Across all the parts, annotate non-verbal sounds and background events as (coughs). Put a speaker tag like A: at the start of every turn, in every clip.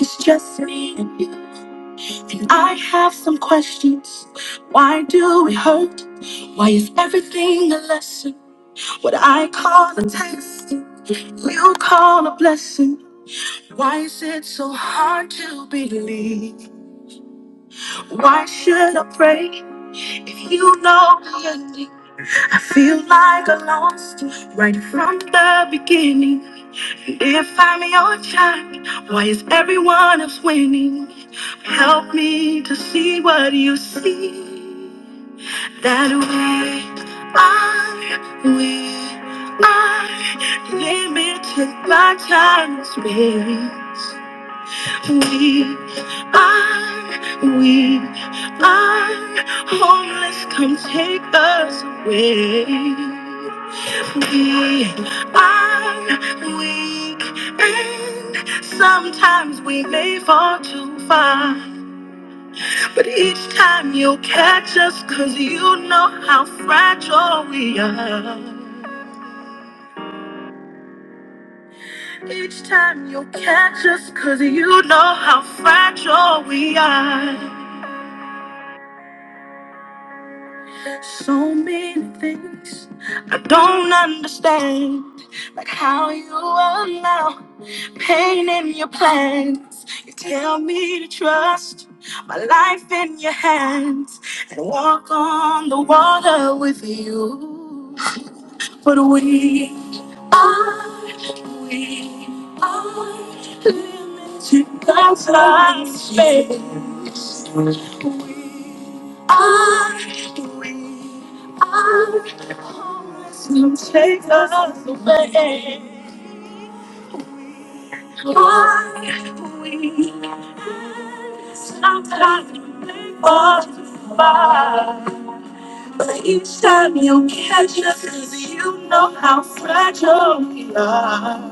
A: It's just me and you. And I have some questions. Why do we hurt? Why is everything a lesson? What I call a test, you call a blessing. Why is it so hard to believe? Why should I pray if you know the ending? I feel like I lost right from the beginning. If I'm your child, why is everyone else winning? Help me to see what you see. That we are, we are limited by time and space. We are, we are homeless. Come take us away. I'm weak, and sometimes we may fall too far. But each time you'll catch us, cause you know how fragile we are. Each time you'll catch us, cause you know how fragile we are. So many things I don't understand. Like how you allow pain in your plans. You tell me to trust my life in your hands and walk on the water with you. But we are, we are limited God's love space are, we are homeless. You take us away. Are we? Sometimes you make us fall. But each time you catch us, 'cause you know how fragile we are.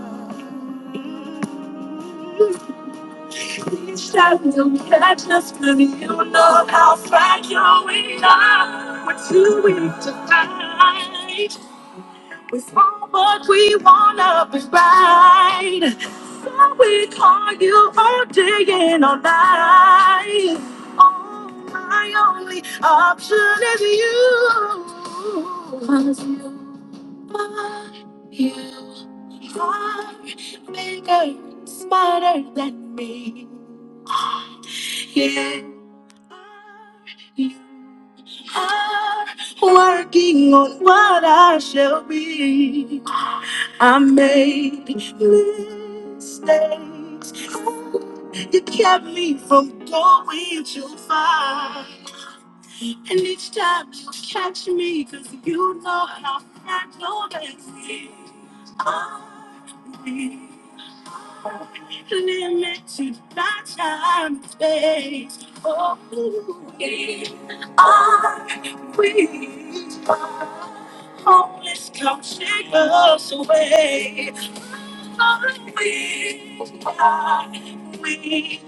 A: Each time you catch us, then you know how fragile we are. We're too weak to fight. We fall, but we wanna be right. So we call you all day and all night. Oh, my only option is you. 'Cause you you are bigger, smarter than me. Yeah. You are working on what I shall be. I made mistakes. You kept me from going too far. And each time you catch me, cause you know how I know that we are we limited by time and space. Oh, we are we are. homeless, come take us away. Oh, we are we.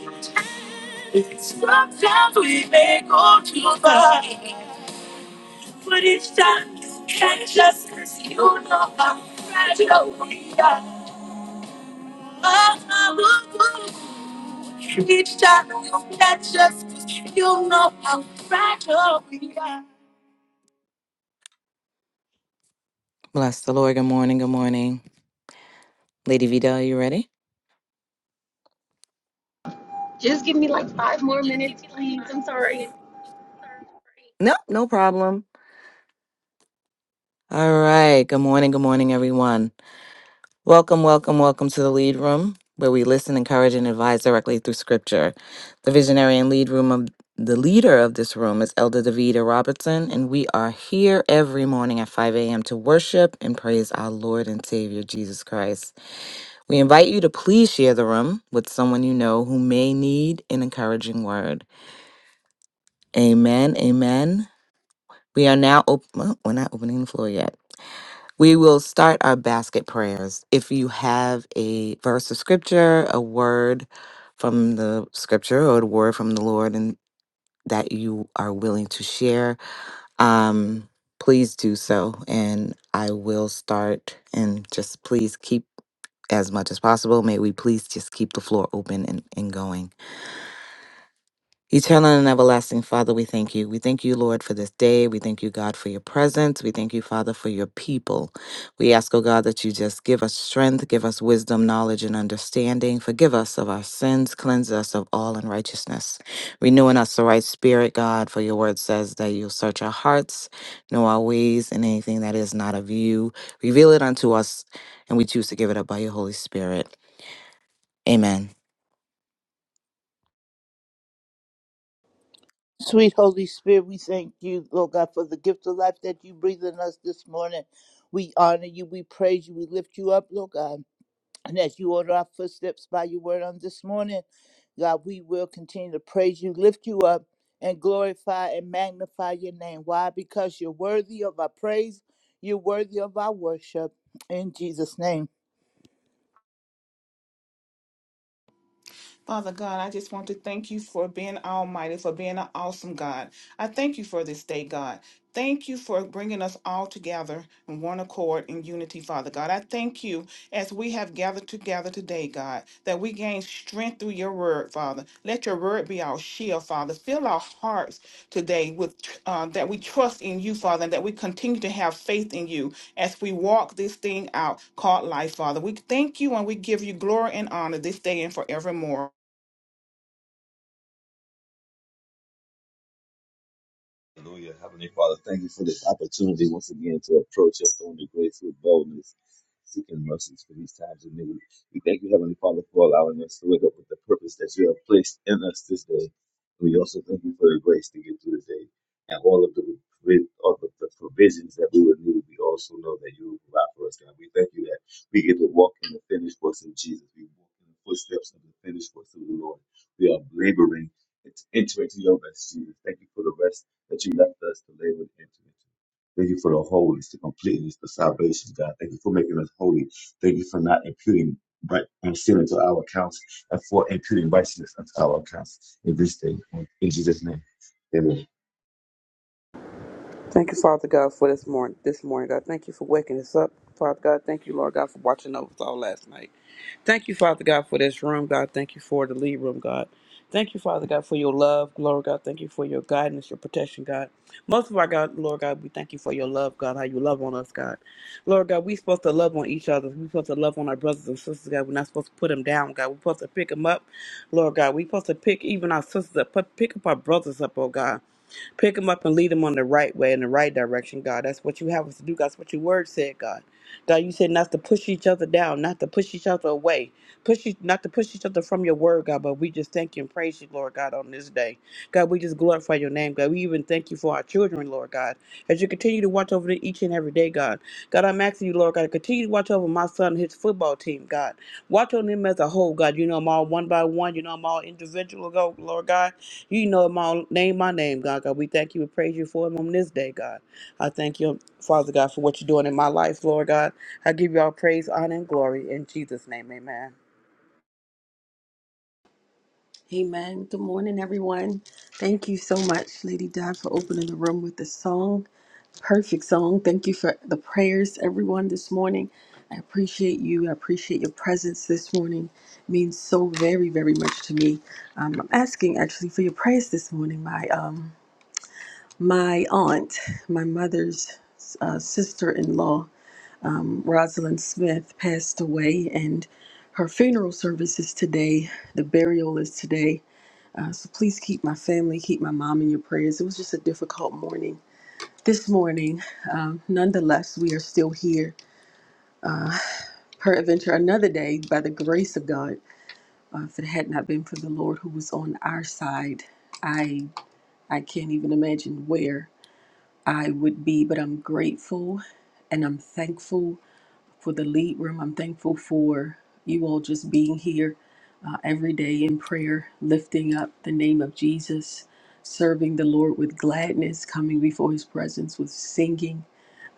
A: Sometimes we may go too far. But it's done. And just as you know how fragile we are. Oh, oh, oh, oh. Each time you catch us, 'cause you know how fragile we are. Bless the Lord. Good morning. Good morning. Lady Vida, are you ready?
B: Just give me like five more minutes, please. I'm sorry.
A: No, no problem. All right. Good morning. Good morning, everyone. Welcome, welcome, welcome to the Lead Room, where we listen, encourage, and advise directly through Scripture. The visionary and lead room of the leader of this room is Elder Davida Robertson, and we are here every morning at 5 a.m. to worship and praise our Lord and Savior Jesus Christ. We invite you to please share the room with someone you know who may need an encouraging word. Amen. Amen. We are now open. Well, we're not opening the floor yet. We will start our basket prayers. If you have a verse of scripture, a word from the scripture, or a word from the Lord, and that you are willing to share, um, please do so. And I will start. And just please keep as much as possible. May we please just keep the floor open and, and going. Eternal and everlasting Father, we thank you. We thank you, Lord, for this day. We thank you, God, for your presence. We thank you, Father, for your people. We ask, oh God, that you just give us strength, give us wisdom, knowledge, and understanding. Forgive us of our sins, cleanse us of all unrighteousness. Renew in us the right spirit, God, for your word says that you'll search our hearts, know our ways, and anything that is not of you. Reveal it unto us, and we choose to give it up by your Holy Spirit. Amen.
C: Sweet Holy Spirit, we thank you, Lord God, for the gift of life that you breathe in us this morning. We honor you, we praise you, we lift you up, Lord God. And as you order our footsteps by your word on this morning, God, we will continue to praise you, lift you up, and glorify and magnify your name. Why? Because you're worthy of our praise, you're worthy of our worship. In Jesus' name.
D: Father God, I just want to thank you for being almighty, for being an awesome God. I thank you for this day, God. Thank you for bringing us all together in one accord in unity, Father God. I thank you as we have gathered together today, God, that we gain strength through your word, Father. Let your word be our shield, Father. Fill our hearts today with uh, that we trust in you, Father, and that we continue to have faith in you as we walk this thing out called life, Father. We thank you and we give you glory and honor this day and forevermore.
E: Hallelujah. Heavenly Father, thank you for this opportunity once again to approach your throne of grace with boldness, seeking mercies for these times of need. We thank you, Heavenly Father, for allowing us to wake up with the purpose that you have placed in us this day. We also thank you for the grace to get through the day and all of the provi- all of the provisions that we would need. We also know that you will provide for us, God. We thank you that we get to walk in the finished works of Jesus. We walk in the footsteps of the finished works of the Lord. We are laboring It's enter into your rest, Jesus. Thank you for the rest that you left us to labor and enter into. Thank you for the wholeness, the completeness, the salvation, God. Thank you for making us holy. Thank you for not imputing right um, sin into our accounts and for imputing righteousness into our accounts in this day. um, In Jesus' name. Amen.
F: Thank you, Father God, for this morning. This morning, God, thank you for waking us up, Father God. Thank you, Lord God, for watching over us all last night. Thank you, Father God, for this room, God. Thank you for the lead room, God. Thank you, Father God, for your love, Lord God. Thank you for your guidance, your protection, God. Most of our God, Lord God, we thank you for your love, God, how you love on us, God. Lord God, we supposed to love on each other. we supposed to love on our brothers and sisters, God. We're not supposed to put them down, God. We're supposed to pick them up, Lord God. We're supposed to pick even our sisters up, put- pick up our brothers up, oh God. Pick them up and lead them on the right way, in the right direction, God. That's what you have us to do, God. That's what your word said, God. God, you said not to push each other down, not to push each other away, push each- not to push each other from your word, God. But we just thank you and praise you, Lord God, on this day. God, we just glorify your name, God. We even thank you for our children, Lord God, as you continue to watch over them each and every day, God. God, I'm asking you, Lord God, to continue to watch over my son and his football team, God. Watch on them as a whole, God. You know them all one by one. You know them all individual, go, Lord God. You know my name, my name, God. God, we thank you and praise you for him on this day, God. I thank you, Father God, for what you're doing in my life, Lord God. I give you all praise, honor, and glory in Jesus' name, Amen.
B: Amen. Good morning, everyone. Thank you so much, Lady Dad, for opening the room with the song. Perfect song. Thank you for the prayers, everyone, this morning. I appreciate you. I appreciate your presence this morning. It means so very, very much to me. Um, I'm asking actually for your prayers this morning. My um, my aunt, my mother's uh, sister-in-law, Rosalind Smith passed away, and her funeral service is today. The burial is today. Uh, so please keep my family, keep my mom in your prayers. It was just a difficult morning. This morning, um, nonetheless, we are still here. Peradventure, another day by the grace of God. Uh, if it had not been for the Lord who was on our side, I I can't even imagine where I would be. But I'm grateful, and I'm thankful for the lead room. I'm thankful for you all just being here uh, every day in prayer, lifting up the name of Jesus, serving the Lord with gladness, coming before his presence with singing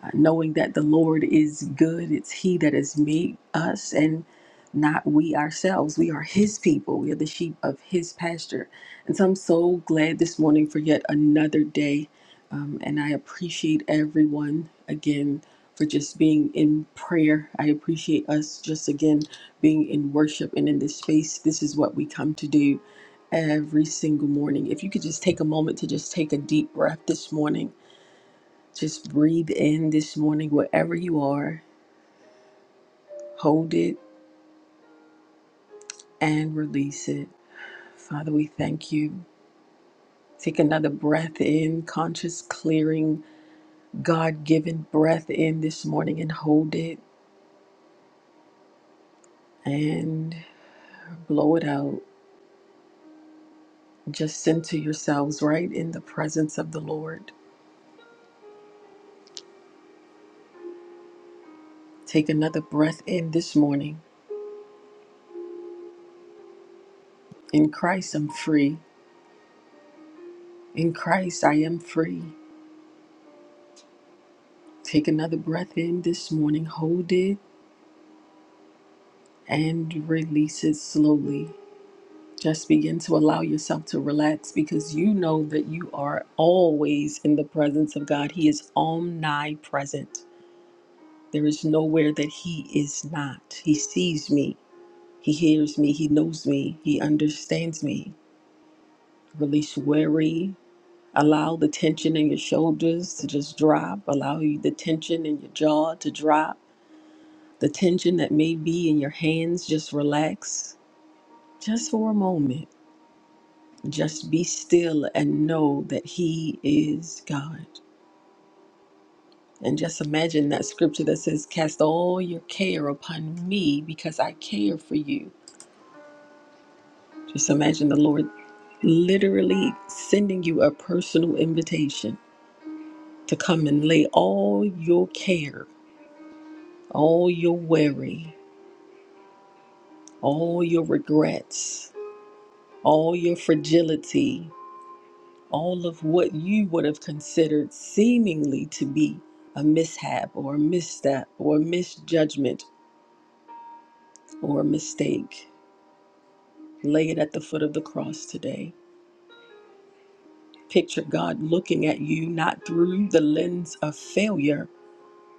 B: uh, knowing that the Lord is good. It's He that has made us and not we ourselves. We are His people, we are the sheep of His pasture. And so I'm so glad this morning for yet another day. Um, and I appreciate everyone again for just being in prayer. I appreciate us just again being in worship and in this space. This is what we come to do every single morning. If you could just take a moment to just take a deep breath this morning just breathe in this morning, wherever you are, hold it and release it. Father, we thank you. Take another breath in, conscious clearing, God given breath in this morning and hold it and blow it out. Just center yourselves right in the presence of the Lord. Take another breath in this morning. In Christ, I'm free. In Christ, I am free. Take another breath in this morning, hold it and release it slowly. Just begin to allow yourself to relax because you know that you are always in the presence of God. He is omnipresent. There is nowhere that He is not. He sees me, He hears me, He knows me, He understands me. Release worry. Allow the tension in your shoulders to just drop. Allow you- the tension in your jaw to drop. The tension that may be in your hands, just relax just for a moment Just be still and know that He is God. And just imagine that scripture that says, Cast all your care upon me because I care for you. Just imagine the Lord literally sending you a personal invitation to come and lay all your care, all your worry, all your regrets, all your fragility, all of what you would have considered seemingly to be a mishap or a misstep or a misjudgment or a mistake. Lay it at the foot of the cross today. Picture God looking at you not through the lens of failure,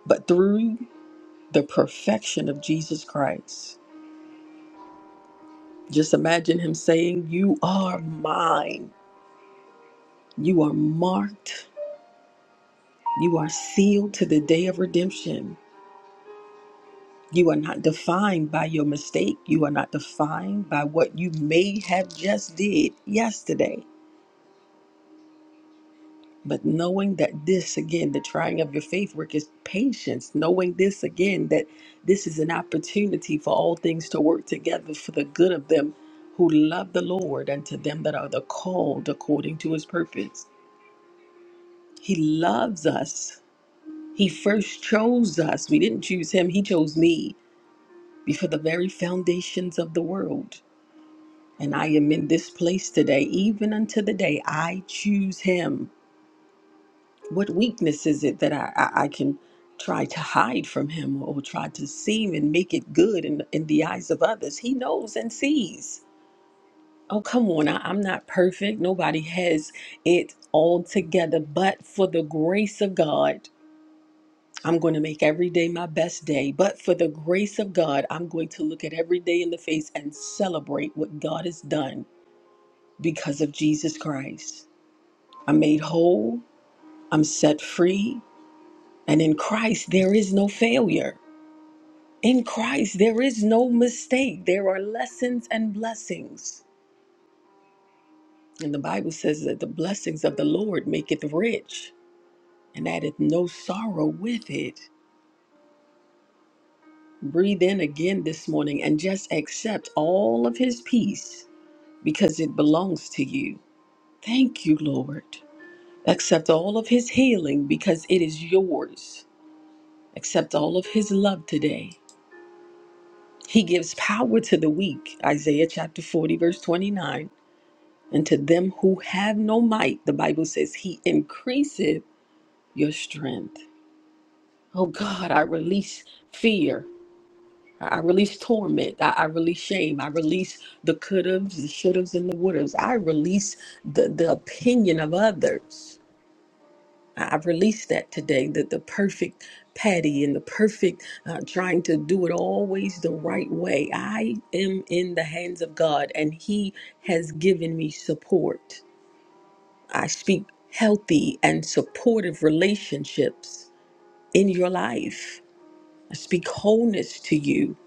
B: but through the perfection of Jesus Christ. Just imagine Him saying, You are mine. You are marked. You are sealed to the day of redemption. You are not defined by your mistake. You are not defined by what you may have just did yesterday. But knowing that this again, the trying of your faith work is patience. Knowing this again, that this is an opportunity for all things to work together for the good of them who love the Lord and to them that are the called according to his purpose. He loves us. He first chose us. We didn't choose him, he chose me before the very foundations of the world. And I am in this place today, even unto the day I choose Him. What weakness is it that I, I, I can try to hide from Him or try to seem and make it good in, in the eyes of others? He knows and sees. Oh, come on. I, I'm not perfect. Nobody has it all together. But for the grace of God, I'm going to make every day my best day. But for the grace of God, I'm going to look at every day in the face and celebrate what God has done because of Jesus Christ. I'm made whole. I'm set free. And in Christ, there is no failure. In Christ, there is no mistake. There are lessons and blessings. And the Bible says that the blessings of the Lord maketh rich and addeth no sorrow with it. Breathe in again this morning and just accept all of his peace because it belongs to you. Thank you, Lord. Accept all of his healing because it is yours. Accept all of his love today He gives power to the weak, Isaiah chapter 40, verse 29. And to them who have no might, the Bible says, He increaseth your strength. Oh God, I release fear. I I release torment. I, I release shame. I release the could haves, the should haves, and the would haves. I release the, the opinion of others. I I've released that today that the perfect Patty and the perfect uh, trying to do it always the right way. I am in the hands of God and He has given me support. I speak healthy and supportive relationships in your life. I speak wholeness to you.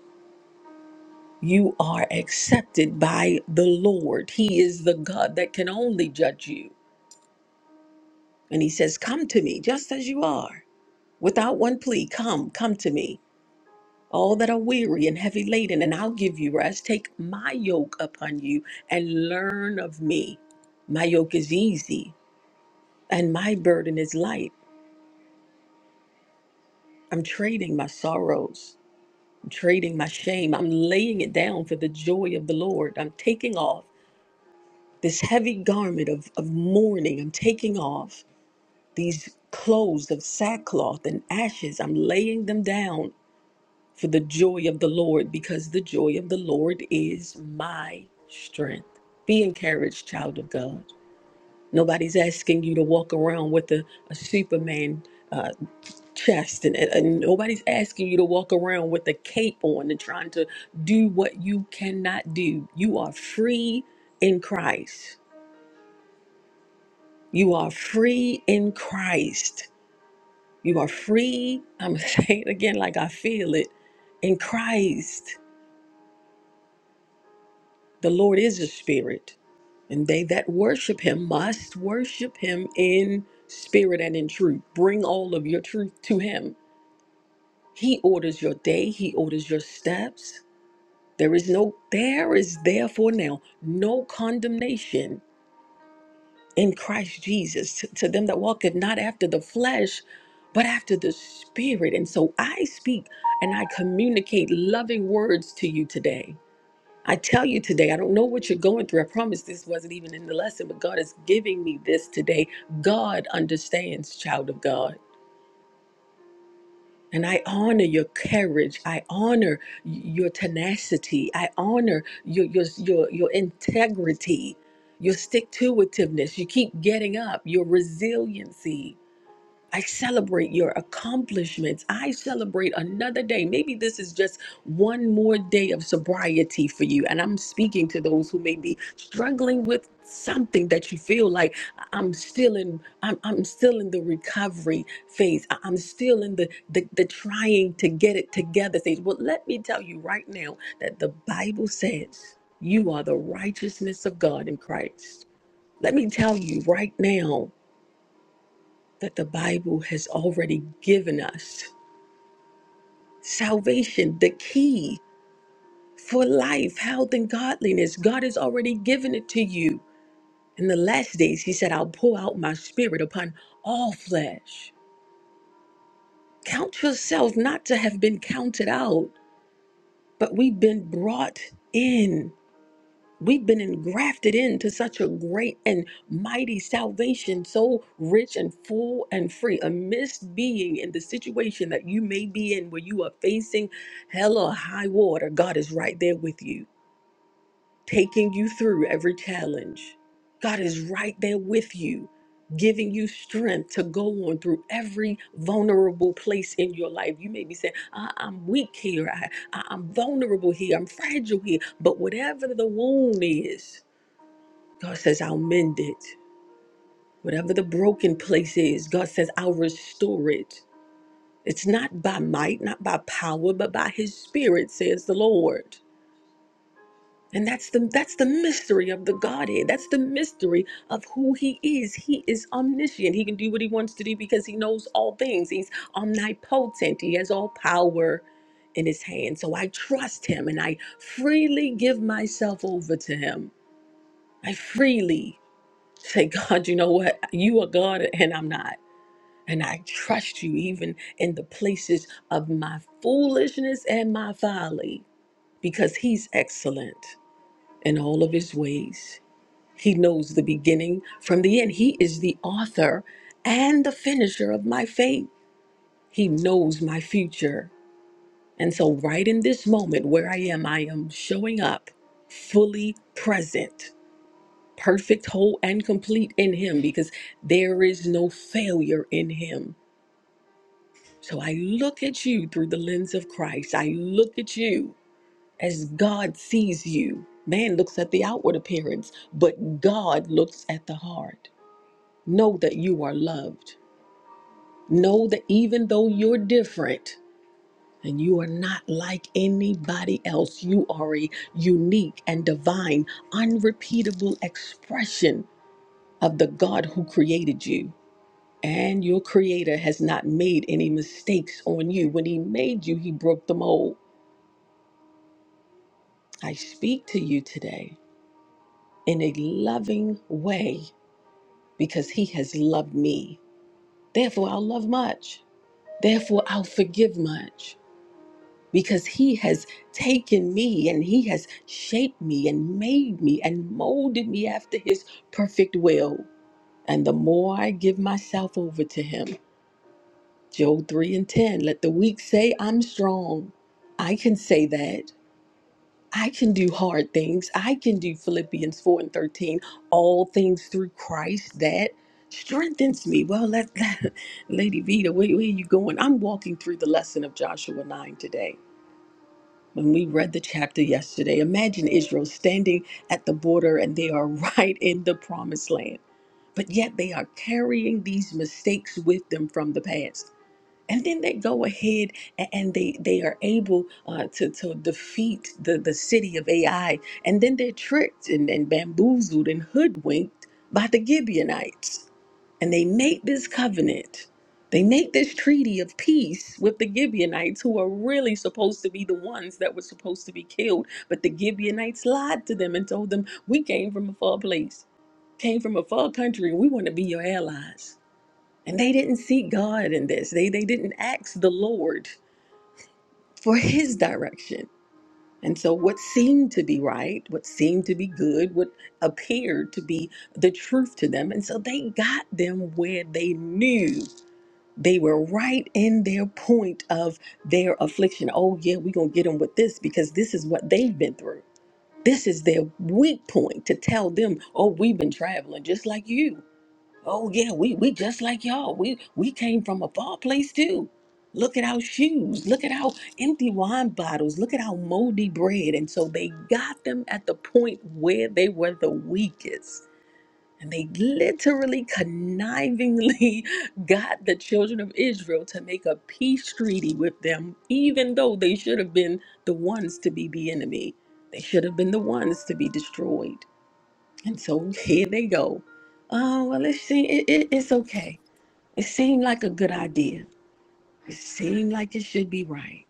B: You are accepted by the Lord. He is the God that can only judge you. And He says, Come to me just as you are. Without one plea, come, come to me. all that are weary and heavy laden, and I'll give you rest. Take my yoke upon you and learn of me. My yoke is easy and my burden is light. I'm trading my sorrows, I'm trading my shame, I'm laying it down for the joy of the Lord. I'm taking off this heavy garment of, of mourning, I'm taking off these clothes of sackcloth and ashes, I'm laying them down for the joy of the Lord, because the joy of the Lord is my strength. Be encouraged, child of God. Nobody's asking you to walk around with a, a Superman uh, chest, and, and and nobody's asking you to walk around with a cape on and trying to do what you cannot do. You are free in Christ. You are free in Christ. You are free. I'm (laughs) saying it again like I feel it in Christ. The Lord is a spirit, and they that worship him must worship him in spirit and in truth. Bring all of your truth to him. He orders your day, he orders your steps. There is no there is therefore now no condemnation in Christ Jesus to, to them that walketh not after the flesh, but after the spirit. And so I speak and I communicate loving words to you today I tell you today, I don't know what you're going through. I promise this wasn't even in the lesson, but God is giving me this today. God understands, child of God. And I honor your courage. I honor y- your tenacity. I honor your your your, your integrity, your stick to itiveness. You keep getting up, your resiliency. I celebrate your accomplishments. I celebrate another day. Maybe this is just one more day of sobriety for you. And I'm speaking to those who may be struggling with something that you feel like "I- am still in I'm, I'm still in the recovery phase. I- I'm still in the, the the trying to get it together phase. Well, let me tell you right now that the Bible says you are the righteousness of God in Christ. Let me tell you right now that the Bible has already given us salvation, the key for life, health, and godliness. God has already given it to you. In the last days, He said, I'll pour out my spirit upon all flesh. Count yourself not to have been counted out, but we've been brought in. We've been engrafted into such a great and mighty salvation, so rich and full and free, amidst being in the situation that you may be in where you are facing hell or high water. God is right there with you, taking you through every challenge. God is right there with you, giving you strength to go on through every vulnerable place in your life. You may be saying, I- I'm weak here, I- I- I'm vulnerable here, I'm fragile here, but whatever the wound is, God says, I'll mend it. Whatever the broken place is, God says, I'll restore it. It's not by might, not by power, but by his spirit, says the Lord. And that's the that's the mystery of the Godhead. That's the mystery of who he is. He is omniscient. He can do what he wants to do because he knows all things. He's omnipotent. He has all power in his hand. So I trust him and I freely give myself over to him. I freely Say, God, you know what? You are God and I'm not. And I trust you even in the places of my foolishness and my folly because He's excellent in all of His ways. He knows the beginning from the end. He is the author and the finisher of my faith. He knows my future. And so, right in this moment where I am, I am showing up fully present perfect, whole, and complete in Him because there is no failure in Him. So I look at you through the lens of Christ. I look at you as God sees you. Man looks at the outward appearance, but God looks at the heart. Know that you are loved. Know that even though you're different and you are not like anybody else, you are a unique and divine, unrepeatable expression of the God who created you. And your creator has not made any mistakes on you. When he made you, he broke the mold. I speak to you today in a loving way because he has loved me. Therefore, I'll love much. Therefore, I'll forgive much because he has taken me and he has shaped me and made me and molded me after his perfect will. And the more I give myself over to him, Job 3 and 10. Let the weak say, I'm strong. I can say that. I can do hard things. I can do Philippians 4 and 13. All things through Christ that strengthens me. Well, let, (laughs) Lady Vita, where, where are you going? I'm walking through the lesson of Joshua 9 today. When we read the chapter yesterday, imagine Israel standing at the border and they are (laughs) right in the promised land but yet they are carrying these mistakes with them from the past and then they go ahead and, and they they are able uh, to to defeat the the city of AI, and then they're tricked and, and bamboozled and hoodwinked by the Gibeonites, and they make this covenant. They make this treaty of peace with the Gibeonites, who are really supposed to be the ones that were supposed to be killed. But the Gibeonites lied to them and told them, We came from a far place, came from a far country, and we want to be your allies. And they didn't seek God in this. They they didn't ask the Lord for his direction. And so what seemed to be right, what seemed to be good, what appeared to be the truth to them. And so they got them where they knew they were right in their point of their affliction. Oh yeah, we're gonna get them with this because this is what they've been through. This is their weak point to tell them, oh, we've been traveling just like you. Oh yeah, we we just like y'all. We we came from a far place too. Look at our shoes. Look at our empty wine bottles. Look at our moldy bread. And so they got them at the point where they were the weakest. And they literally connivingly (laughs) got the children of Israel to make a peace treaty with them, even though they should have been the ones to be the enemy. They should have been the ones to be destroyed. And so (laughs) here they go. Oh, well, it seemed, it, it, it's okay. It seemed like a good idea. It seemed like it should be right.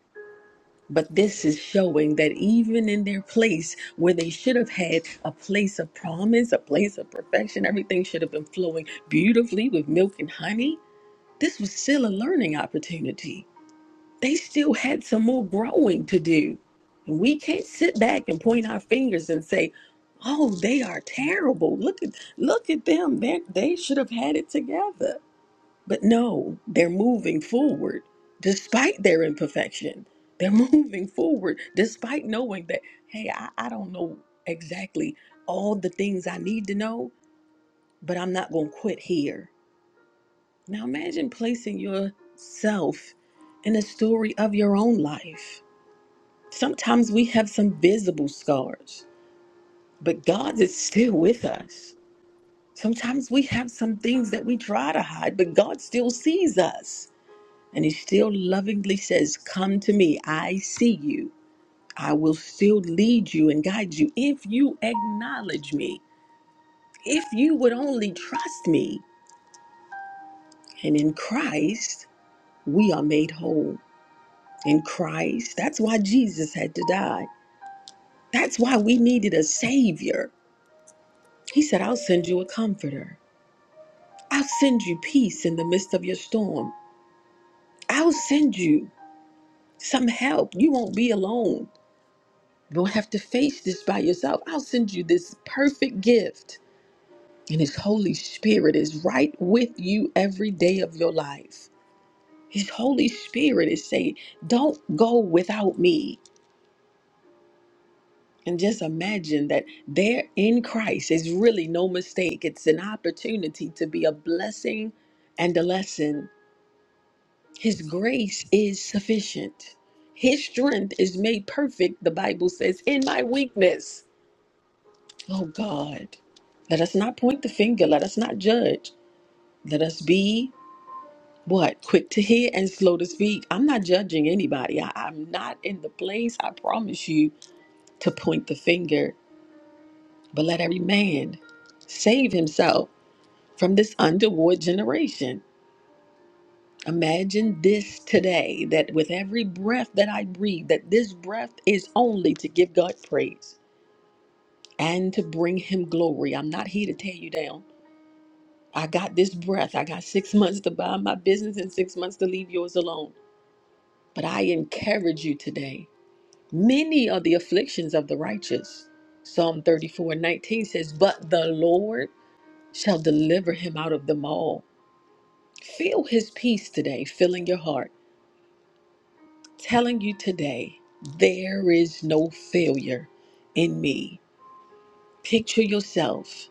B: But this is showing that even in their place where they should have had a place of promise, a place of perfection, everything should have been flowing beautifully with milk and honey, this was still a learning opportunity they still had some more growing to do. And we can't sit back and point our fingers and say, "Oh, they are terrible. Look at look at them. They they should have had it together." But no, they're moving forward despite their imperfection. They're (laughs) moving forward despite knowing that, hey, I, I don't know exactly all the things I need to know, but I'm not going to quit here. Now imagine placing yourself in a story of your own life Sometimes we have some visible scars, but God is still with us. Sometimes we have some things that we try to hide, but God still sees us. And He still lovingly says, Come to me. I see you. I will still lead you and guide you if you acknowledge me, if you would only trust me. And in Christ, we are made whole. In Christ, that's why Jesus had to die. That's why we needed a Savior. He said, I'll send you a comforter. I'll send you peace in the midst of your storm. I'll send you some help. You won't be alone. You won't have to face this by yourself. I'll send you this perfect gift. And His Holy Spirit is right with you every day of your life. His Holy Spirit is saying, Don't go without me. And just imagine that there in Christ is really no mistake. It's an opportunity to be a blessing and a lesson His grace is sufficient. His strength is made perfect, the Bible says, in my weakness. Oh God, let us not point the finger. Let us not judge. Let us be what? Quick to hear and slow to speak. I'm not judging anybody. I, I'm not in the place, I promise you, to point the finger. But let every man save himself from this underworld generation. Imagine this today that with every breath that I breathe, that this breath is only to give God praise and to bring Him glory. I'm not here to tear you down. I got this breath. I got six months to buy my business and six months to leave yours alone. But I encourage you today. Many are the afflictions of the righteous. Psalm 34 and 19 says, But the Lord shall deliver him out of them all. Feel his peace today, filling your heart. telling you today, there is no failure in me. Picture yourself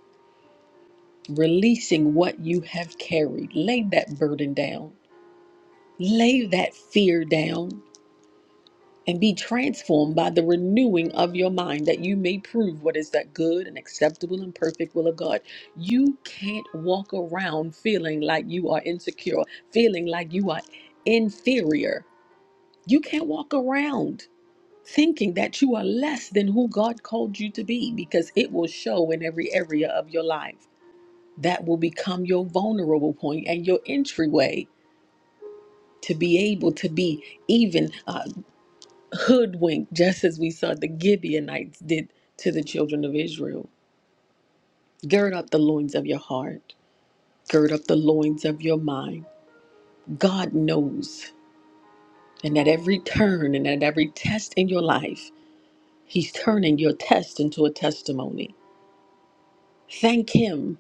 B: releasing what you have carried. Lay that burden down, lay that fear down, and be transformed by the renewing of your mind that you may prove what is that good and acceptable and perfect will of God. You can't walk around feeling like you are insecure, feeling like you are inferior. You can't walk around. thinking that you are less than who God called you to be because it will show in every area of your life. That will become your vulnerable point and your entryway to be able to be even uh, hoodwinked, just as we saw the Gibeonites did to the children of Israel. Gird up the loins of your heart, gird up the loins of your mind. God knows. And at every turn and at every test in your life, He's turning your test into a testimony. Thank Him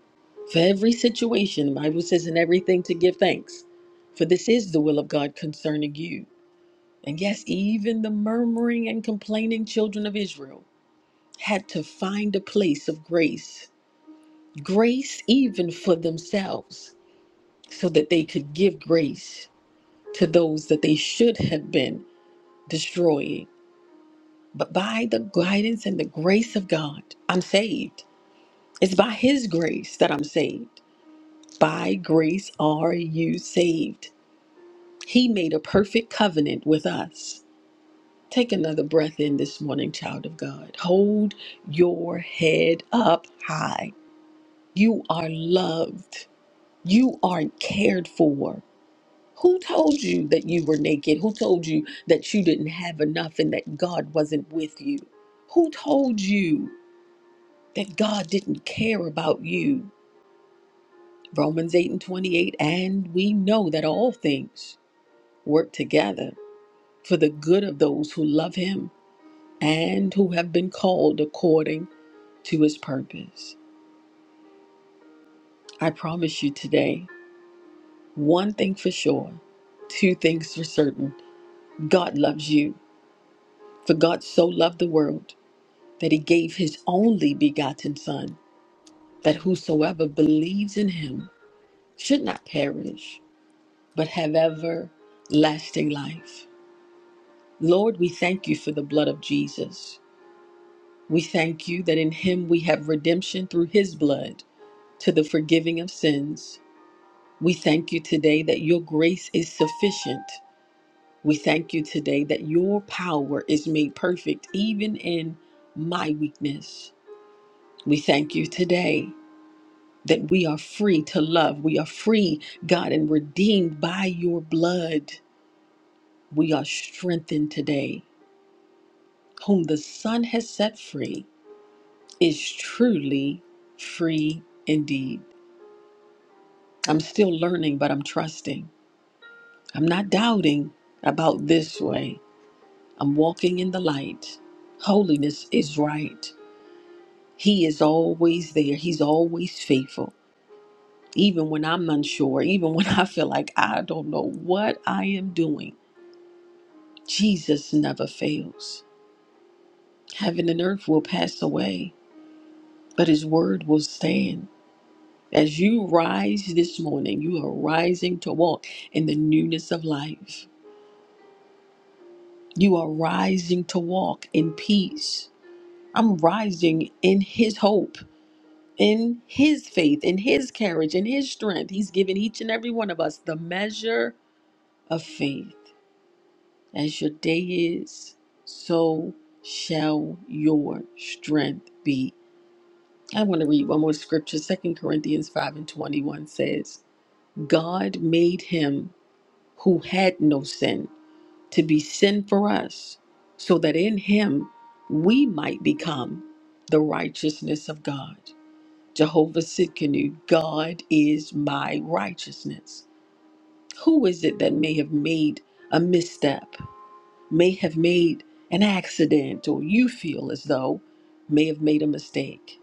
B: for every situation. The Bible says, in everything to give thanks, for this is the will of God concerning you. And yes, even the murmuring and complaining children of Israel had to find a place of grace, grace even for themselves, so that they could give grace to those that they should have been destroying. But by the guidance and the grace of God, I'm saved. It's by His grace that I'm saved. By grace are you saved. He made a perfect covenant with us. Take another breath in this morning, child of God. Hold your head up high. You are loved. You are cared for. Who told you that you were naked? Who told you that you didn't have enough and that God wasn't with you? Who told you that God didn't care about you? Romans 8 and 28, and we know that all things work together for the good of those who love him and who have been called according to his purpose. I promise you today, one thing for sure, two things for certain God loves you. For God so loved the world that he gave his only begotten Son, that whosoever believes in him should not perish, but have everlasting life. Lord, we thank you for the blood of Jesus. We thank you that in him we have redemption through his blood to the forgiving of sins. We thank you today that your grace is sufficient. We thank you today that your power is made perfect even in my weakness. We thank you today that we are free to love. We are free, God, and redeemed by your blood. We are strengthened today. Whom the Son has set free is truly free indeed. I'm still learning, but I'm trusting. I'm not doubting about this way. I'm walking in the light. Holiness is right. He is always there, He's always faithful. Even when I'm unsure, even when I feel like I don't know what I am doing, Jesus never fails. Heaven and earth will pass away, but His word will stand. As you rise this morning, you are rising to walk in the newness of life. You are rising to walk in peace. I'm rising in His hope, in His faith, in His courage, in His strength. He's given each and every one of us the measure of faith. As your day is, so shall your strength be. I want to read one more scripture. Second Corinthians 5 and 21 says, God made him who had no sin to be sin for us, so that in him we might become the righteousness of God. Jehovah Sitkanu, God is my righteousness. Who is it that may have made a misstep, may have made an accident, or you feel as though may have made a mistake,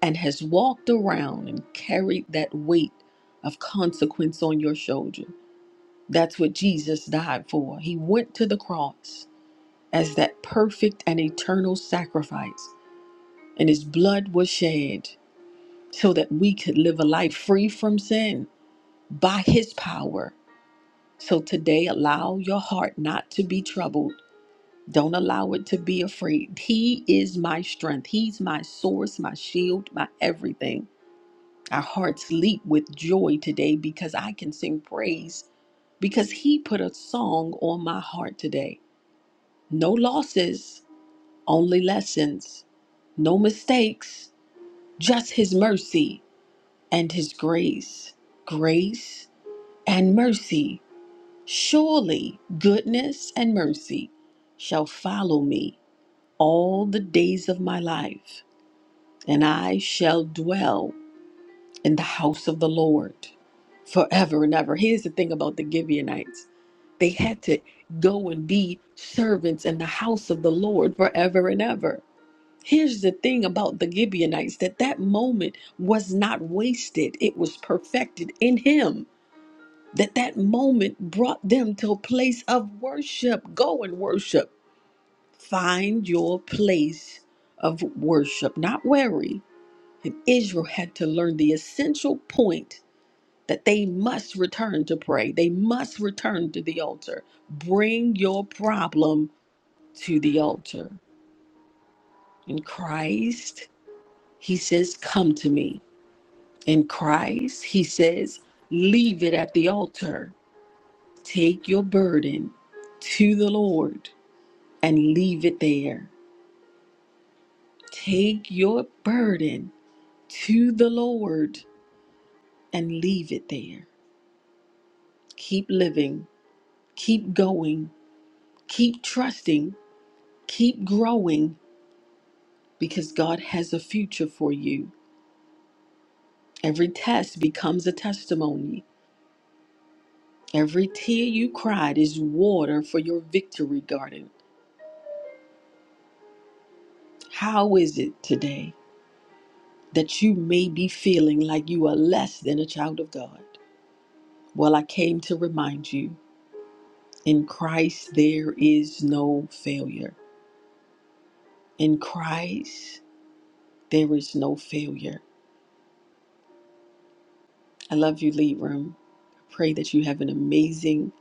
B: and has walked around and carried that weight of consequence on your shoulder? That's what Jesus died for. He went to the cross as that perfect and eternal sacrifice, and his blood was shed so that we could live a life free from sin by his power. So today, allow your heart not to be troubled. Don't allow it to be afraid. He is my strength. He's my source, my shield, my everything. Our hearts leap with joy today because I can sing praise because he put a song on my heart today. No losses, Only lessons, no mistakes, just His mercy and His grace. Grace and mercy. Surely goodness and mercy shall follow me all the days of my life, and I shall dwell in the house of the Lord forever and ever. Here's the thing about the Gibeonites they had to go and be servants in the house of the Lord forever and ever. Here's the thing about the Gibeonites that that moment was not wasted, it was perfected in him. That that moment brought them to a place of worship. Go and worship. Find your place of worship, not worry. And Israel had to learn the essential point that they must return to pray. They must return to the altar. Bring your problem to the altar. And Christ, he says, Come to me. in Christ, he says, leave it at the altar. Take your burden to the Lord and leave it there. Take your burden to the Lord and leave it there. Keep living, keep going, keep trusting, keep growing because God has a future for you. Every test becomes a testimony. Every tear you cried is water for your victory garden. How is it today? that you may be feeling like you are less than a child of God. Well, I came to remind you in Christ there is no failure. In Christ there is no failure. I love you, Lead Room. Pray that you have an amazing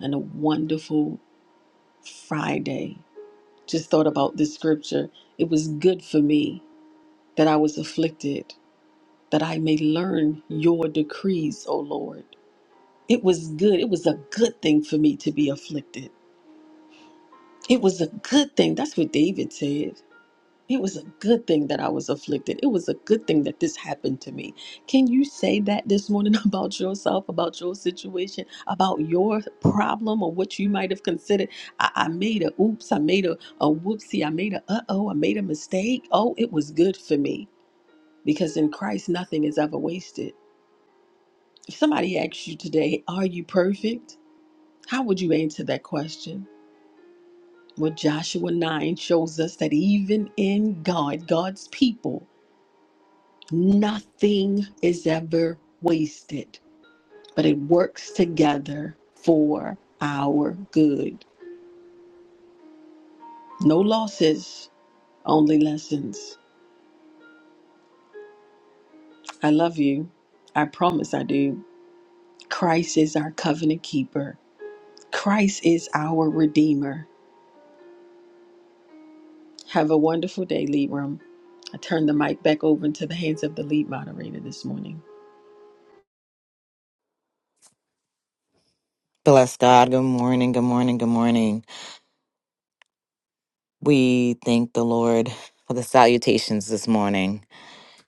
B: and a wonderful Friday. Just thought about this scripture. It was good for me that I was afflicted, that I may learn your decrees, O Lord. It was good. It was a good thing for me to be afflicted It was a good thing. That's what David said. It was a good thing that I was afflicted. It was a good thing that this happened to me. Can you say that this morning (laughs) about yourself, about your situation, about your problem or what you might have considered? I, I made a oops, I made a, a whoopsie, I made a uh oh, I made a mistake. Oh, it was good for me because in Christ, nothing is ever wasted. If somebody asks you today, Are you perfect? How would you answer that question? What Joshua 9 shows us that even in God, God's people, nothing is ever wasted, but it works together for our good. No losses, only lessons. I love you. I promise I do. Christ is our covenant keeper, Christ is our redeemer. Have a wonderful day, Libram. I turn the mic back over into the hands of the lead moderator this morning.
A: Bless God. Good morning. Good morning. Good morning. We thank the Lord for the salutations this morning,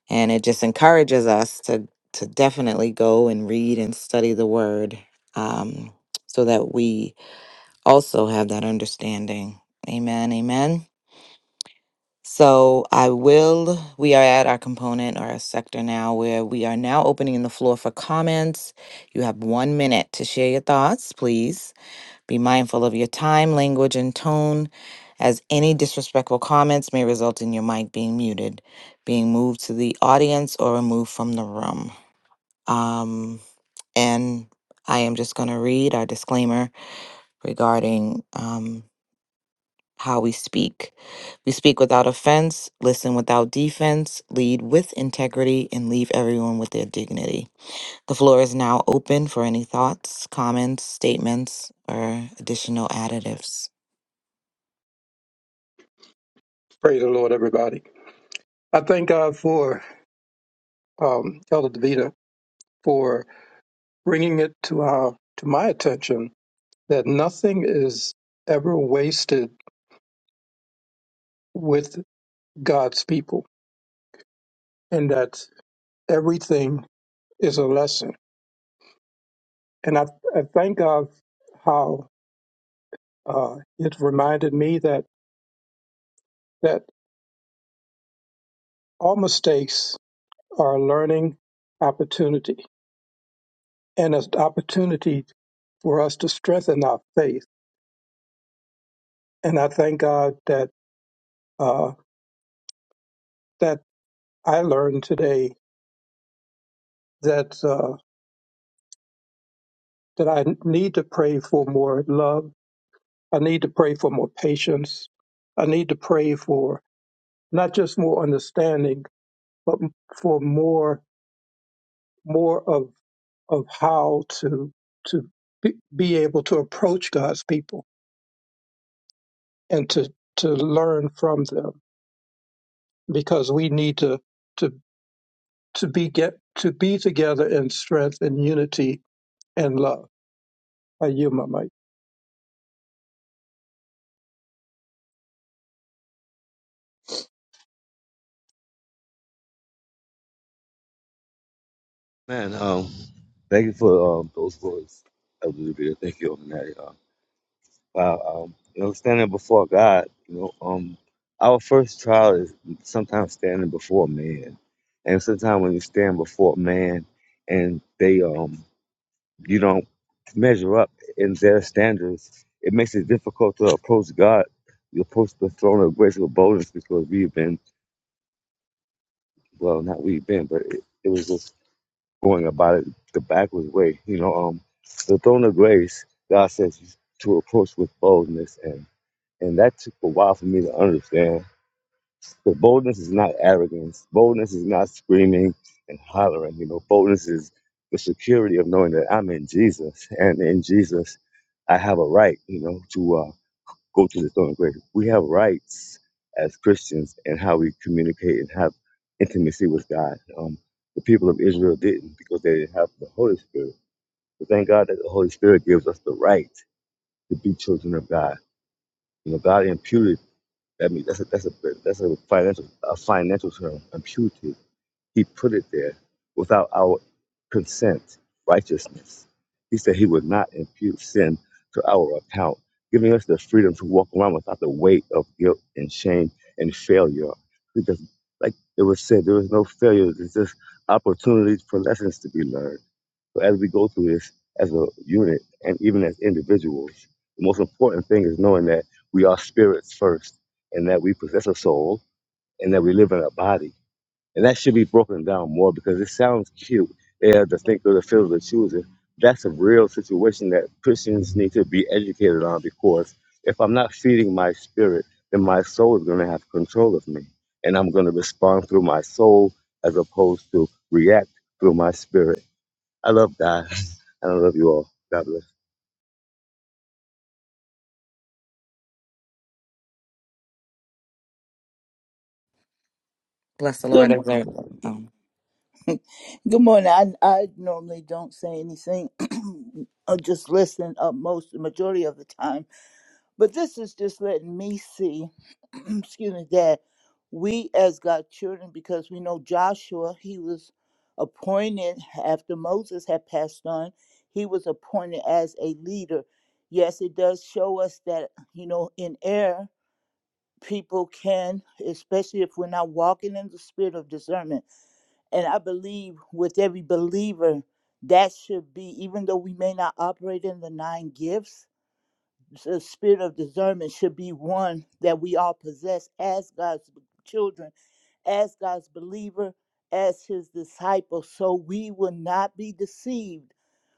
A: and it just encourages us to to definitely go and read and study the Word, um, so that we also have that understanding. Amen. Amen. So I will. We are at our component or our sector now, where we are now opening the floor for comments. You have one minute to share your thoughts, please. Be mindful of your time, language, and tone, as any disrespectful comments may result in your mic being muted, being moved to the audience, or removed from the room. Um, and I am just going to read our disclaimer regarding um, how we speak. We speak without offense, listen without defense, lead with integrity, and leave everyone with their dignity. The floor is now open for any thoughts, comments, statements, or additional additives.
G: Praise the Lord, everybody. I thank God for um, Elder Davida for bringing it to our to my attention that nothing is ever wasted with God's people, and that everything is a lesson. And I, I thank God how uh, it reminded me that that all mistakes are a learning opportunity and an opportunity for us to strengthen our faith. And I thank God that. Uh, that I learned today that uh, that I need to pray for more love. I need to pray for more patience. I need to pray for not just more understanding, but for more more of of how to to be, be able to approach God's people and to to learn from them because we need to to to be get to be together in strength and unity and love. I yield my mic.
E: Man, um, thank you for um, those words. Elder really, really thank you on that. uh, um, you know, standing before God, you know, um, our first trial is sometimes standing before man, and sometimes when you stand before man, and they um, you don't measure up in their standards, it makes it difficult to approach God. You approach the throne of grace with boldness because we've been, well, not we've been, but it, it was just going about it the backwards way, you know. Um, the throne of grace, God says to approach with boldness and. And that took a while for me to understand. But boldness is not arrogance. Boldness is not screaming and hollering. You know, boldness is the security of knowing that I'm in Jesus, and in Jesus, I have a right. You know, to uh, go to the throne of grace. We have rights as Christians and how we communicate and have intimacy with God. Um, the people of Israel didn't because they didn't have the Holy Spirit. But thank God that the Holy Spirit gives us the right to be children of God. You know, God imputed I mean, that's a that's a that's a financial a financial term imputed. He put it there without our consent. Righteousness. He said he would not impute sin to our account, giving us the freedom to walk around without the weight of guilt and shame and failure. Because, like it was said, there was no failure. There's just opportunities for lessons to be learned. So as we go through this as a unit and even as individuals, the most important thing is knowing that we are spirits first and that we possess a soul and that we live in a body. And that should be broken down more because it sounds cute. Yeah, the thinker, the feeler, the chooser. That's a real situation that Christians need to be educated on because if I'm not feeding my spirit, then my soul is going to have control of me. And I'm going to respond through my soul as opposed to react through my spirit. I love God. (laughs) And I love you all. God bless.
A: Bless the
C: Good,
A: Lord.
C: m-
A: Are there, um,
C: good morning. I, I normally don't say anything, (clears throat) I just listen up most, the majority of the time But this is just letting me see, (clears throat) excuse me, that we as God's children, because we know Joshua, he was appointed after Moses had passed on, he was appointed as a leader. Yes, it does show us that, you know, in error, people can, especially if we're not walking in the spirit of discernment. And I believe with every believer, that should be, even though we may not operate in the nine gifts, the spirit of discernment should be one that we all possess as God's children, as God's believer, as his disciple, so we will not be deceived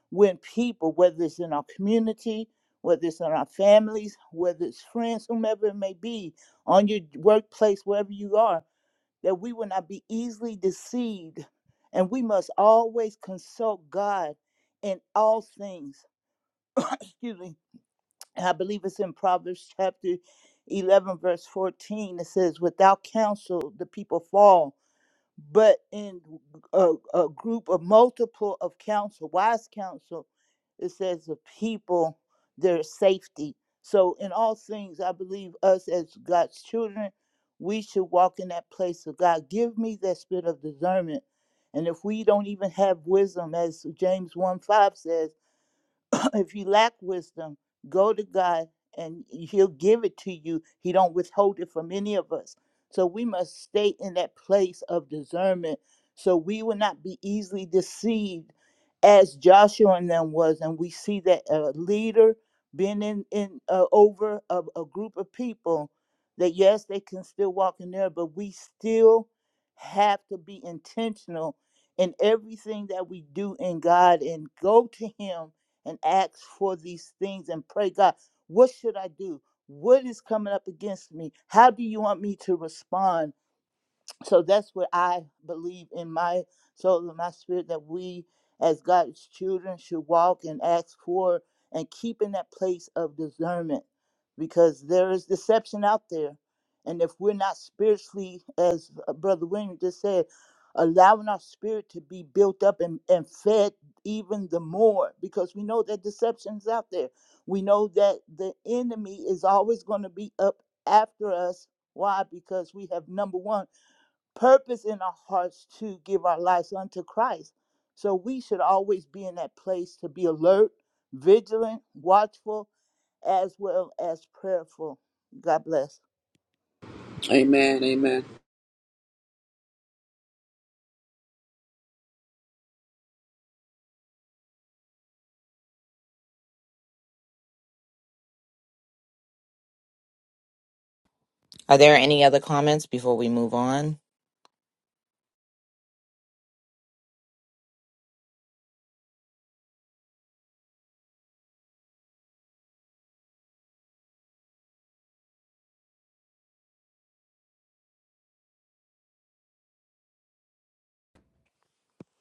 C: when people, whether it's in our community, whether it's in our families, whether it's friends, whomever it may be, on your workplace, wherever you are, that we will not be easily deceived. And we must always consult God in all things. (coughs) (clears throat) Excuse me and I believe it's in Proverbs chapter 11, verse 14. It says, Without counsel, the people fall, but in a, a group of multiple of counsel, wise counsel, it says, The people, their safety. So, in all things, I believe us as God's children, we should walk in that place of God. Give me that spirit of discernment. And if we don't even have wisdom, as James 1 5 says, (laughs) (clears throat) if you lack wisdom, go to God and he'll give it to you. He don't withhold it from any of us. So we must stay in that place of discernment so we will not be easily deceived as Joshua and them was. And we see that a leader being in, in uh, over a, a group of people that yes, they can still walk in there, but we still have to be intentional in everything that we do in God and go to him and ask for these things and pray, God, what should I do? What is coming up against me? How do you want me to respond? so that's what I believe in my soul and my spirit that we as God's children should walk and ask for and keep in that place of discernment because there is deception out there. And if we're not spiritually, as uh, Brother William just said, allowing our spirit to be built up and, and fed even the more because we know that deception's out there. We know that the enemy is always going to be up after us. Why? Because we have number one purpose in our hearts to give our lives unto Christ. So we should always be in that place to be alert, vigilant, watchful, as well as prayerful. God bless.
F: Amen. Amen.
A: are there any other comments before we move on?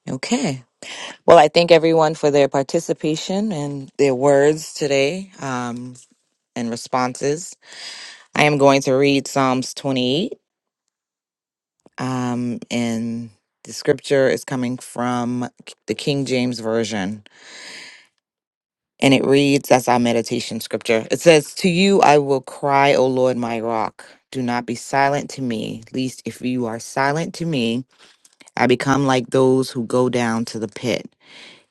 A: Okay. Well, I thank everyone for their participation and their words today um, and responses. I am going to read Psalms 28, um, and the scripture is coming from the King James Version. And it reads, that's our meditation scripture. It says, To you I will cry, O Lord, my rock. Do not be silent to me, least if you are silent to me. I become like those who go down to the pit.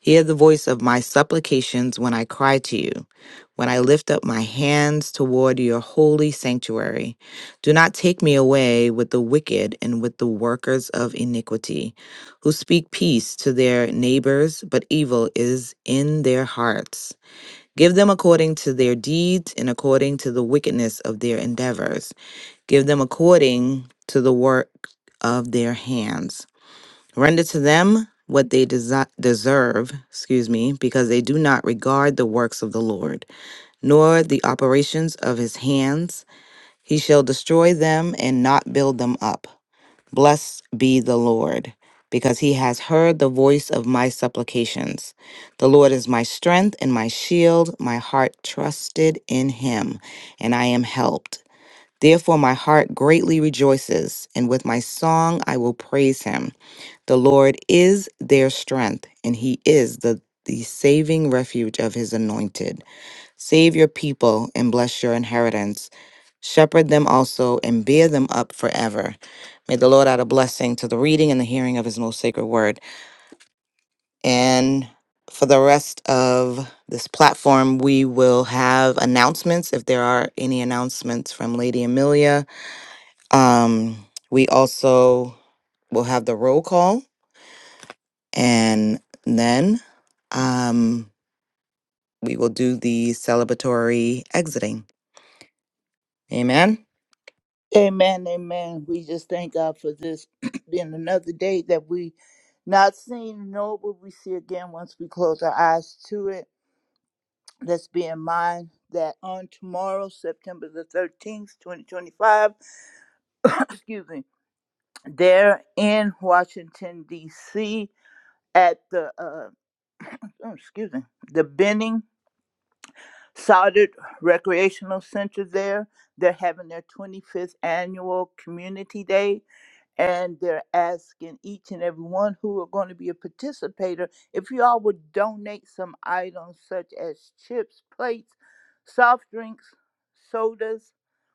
A: Hear the voice of my supplications when I cry to you, when I lift up my hands toward your holy sanctuary. Do not take me away with the wicked and with the workers of iniquity, who speak peace to their neighbors, but evil is in their hearts. Give them according to their deeds and according to the wickedness of their endeavors. Give them according to the work of their hands. Render to them what they desi- deserve, excuse me, because they do not regard the works of the Lord, nor the operations of his hands. He shall destroy them and not build them up. Blessed be the Lord, because he has heard the voice of my supplications. The Lord is my strength and my shield. My heart trusted in him, and I am helped. Therefore, my heart greatly rejoices, and with my song I will praise him. The Lord is their strength, and he is the, the saving refuge of his anointed. Save your people and bless your inheritance. Shepherd them also and bear them up forever. May the Lord add a blessing to the reading and the hearing of his most sacred word. And for the rest of this platform, we will have announcements if there are any announcements from Lady Amelia. Um, we also will have the roll call And then um, we will do the celebratory exiting. Amen.
C: Amen. Amen. We just thank God for this (clears throat) being another day that we not seen, nor will we see again once we close our eyes to it. Let's be in mind that on tomorrow, September the 13th, 2025, (clears throat) (coughs) excuse me, They're in Washington D.C. at the uh, oh, excuse me, the Benning Soldered Recreational Center. There, they're having their 25th annual Community Day and they're asking each and every one who are going to be a participator if you all would donate some items such as chips, plates, soft drinks, sodas,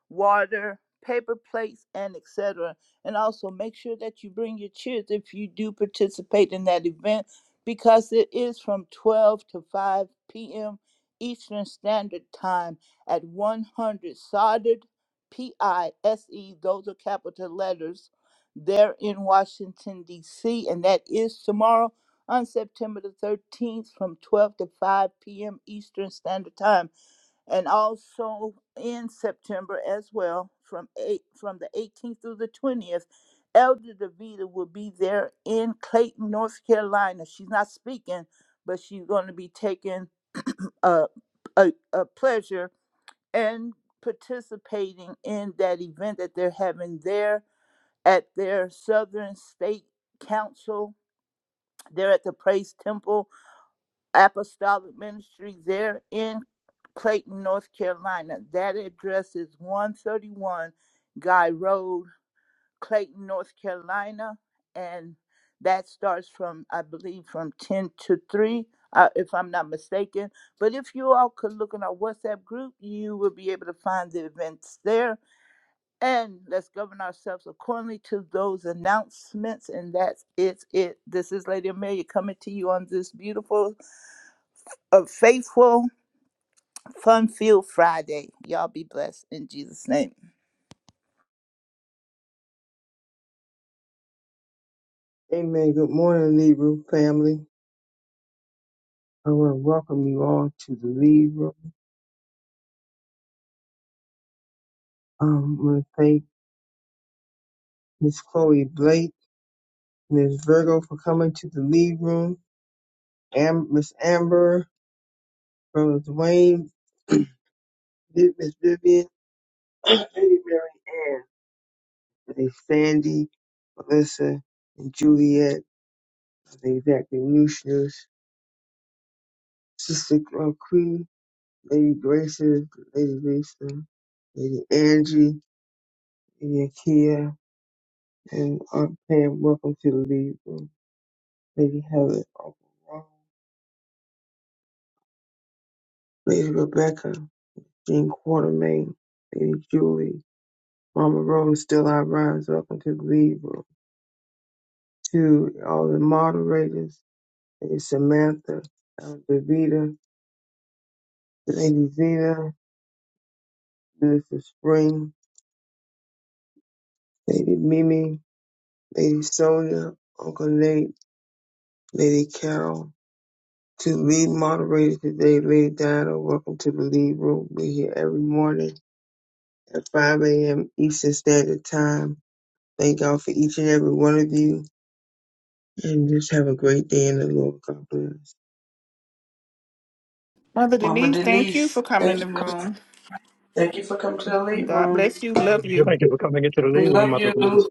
C: water, paper plates, and etc. And also make sure that you bring your chairs if you do participate in that event because it is from 12 to 5 p.m. Eastern Standard Time at 100 soldered P I S E, those are capital letters there in Washington, D.C., and that is tomorrow on September the 13th from 12 to 5 p.m. Eastern Standard Time, and also in September as well from 8 from the 18th through the 20th. Elder DeVita will be there in Clayton, North Carolina. She's not speaking, but she's going to be taking a, a, a pleasure and participating in that event that they're having there at their Southern State Council. They're at the Praise Temple Apostolic Ministry there in Clayton, North Carolina. That address is 131 Guy Road, Clayton, North Carolina. And that starts from, I believe, from 10 to 3, uh, if I'm not mistaken. But if you all could look in our WhatsApp group, you will be able to find the events there and let's govern ourselves accordingly to those announcements. And that's it's it. This is Lady Amelia coming to you on this beautiful, uh, faithful, fun-filled Friday. Y'all be blessed in Jesus' name.
H: Amen. Good morning, Lead Room family. I want to welcome you all to the Lead Room. Um, I want to thank Miss Chloe Blake, Miss Virgo for coming to the Lead Room, Am- Miss Amber, Brother Dwayne, (clears throat) Miss Vivian, (clears throat) Lady Mary Ann, Lady Sandy, Melissa, and Juliet, Lady Lucius, Sister uh, Queen, Lady Graces, Lady Lisa, Lady Angie, Lady Akia, And Aunt Pam, welcome to the lead room. Lady Helen, Uncle Ron, Lady Rebecca, Jean Quartermain, Lady Julie, Mama Rose, Still I Rise, welcome to the lead room. To all the moderators, Lady Samantha, Elder Davida, Lady Zena, Minister Spring, Lady Mimi, Lady Sonia, Uncle Nate, Lady Carol. To lead moderator today, Lady Diana, welcome to the lead room. We're here every morning at 5 a.m. Eastern Standard Time. Thank God for each and every one of you, and just have a great day in the Lord. God bless.
D: Mother
F: Mama
D: Denise, thank you
F: Denise,
D: for coming in
F: thank
D: the
F: you,
D: room.
F: thank you for coming to the late
D: God
F: room.
D: bless you. Love you.
F: We love you. Woo!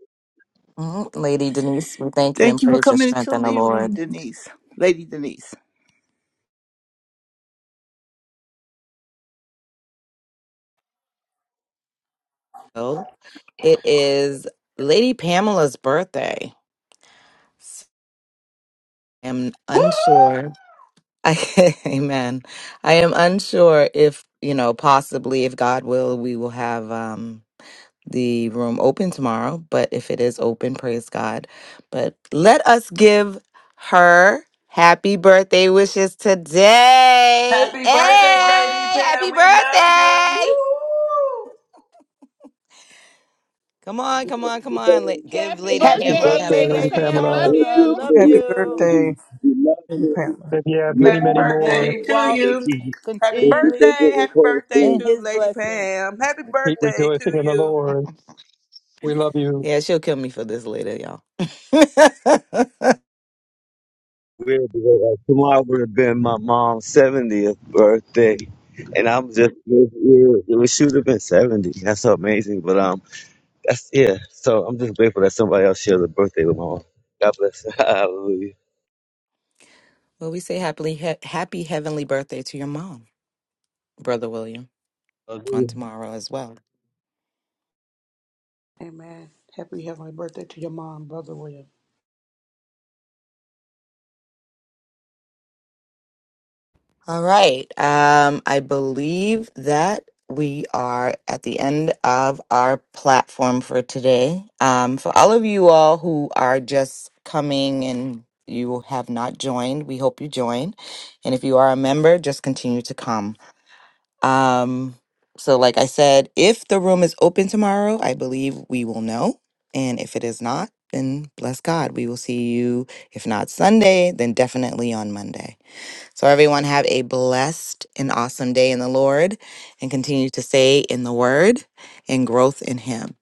A: Mhm. Lady Denise, we thank you
C: Thank
A: and
C: you for
A: praise your
C: coming into
A: strength
C: the
A: in the
C: lead room,
A: Lord.
C: Denise, Lady Denise.
A: So it is Lady Pamela's birthday. So I am unsure. (laughs) I, amen. I am unsure if, you know, possibly if God will, we will have. um the room open tomorrow, but if it is open, praise God. But let us give her happy birthday wishes today.
F: Happy birthday, Lady
A: Hey, happy
F: Pat. We love you.
A: birthday!
F: Woo!
A: Come on, come on, come on. La-
E: Thank
A: give
D: Happy
A: Lady
C: Happy
A: Pamela
D: birthday,
A: a happy
C: birthday,
D: Lady
C: Lady
A: birthday.
D: Pam.
G: Love.
D: Love
C: Pamela.
E: you
D: you.
E: for
C: Love
I: Happy
E: your
C: you.
I: birthday,
E: presence. We love
I: Lady
E: you.
I: Pam.
G: Yeah.
E: You
F: Happy
E: are
C: May
F: birthday
C: you
F: to
E: foundation.
C: walk
E: Thank
F: you.
E: you.
F: Happy
E: Thank you for
C: continually
F: birthday.
E: being
F: Happy
E: a part of
F: birthday
C: in
E: the
F: to
C: His
F: Lady
C: blessing.
F: Pam. Happy birthday to you.
G: We love you.
A: Yeah, she'll kill me for this later, y'all. (laughs)
E: like, tomorrow would have been my mom's seventieth birthday. And I'm just it was should have been seventy. That's so amazing. But um that's yeah. So I'm just grateful that somebody else shared a birthday with my mom. God bless. (laughs) Hallelujah.
A: well, we say happily, he- happy heavenly birthday to your mom, Brother William, on
E: Hallelujah.
A: tomorrow as well.
F: Amen. Happy heavenly birthday to your mom, Brother William.
A: All right. Um, I believe that we are at the end of our platform for today. Um, for all of you all who are just coming and you have not joined, we hope you join. And if you are a member, just continue to come. Um, so, like I said, if the room is open tomorrow, I believe we will know. And if it is not, then bless God. We will see you, if not Sunday, then definitely on Monday. So, everyone, have a blessed and awesome day in the Lord and continue to stay in the Word and growth in Him.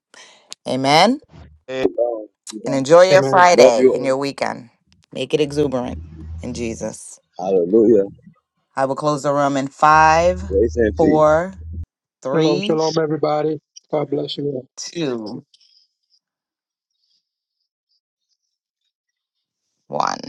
A: Amen.
E: Hey, um,
A: And enjoy your
G: Amen.
E: Love
A: Friday
E: you
A: and
E: all.
A: your weekend. Make it exuberant in Jesus.
E: Hallelujah.
A: I will close the room in five,
E: Grace and peace.
A: four,
G: Shalom,
A: three,
G: shalom, everybody. God bless you. all.
A: two, one.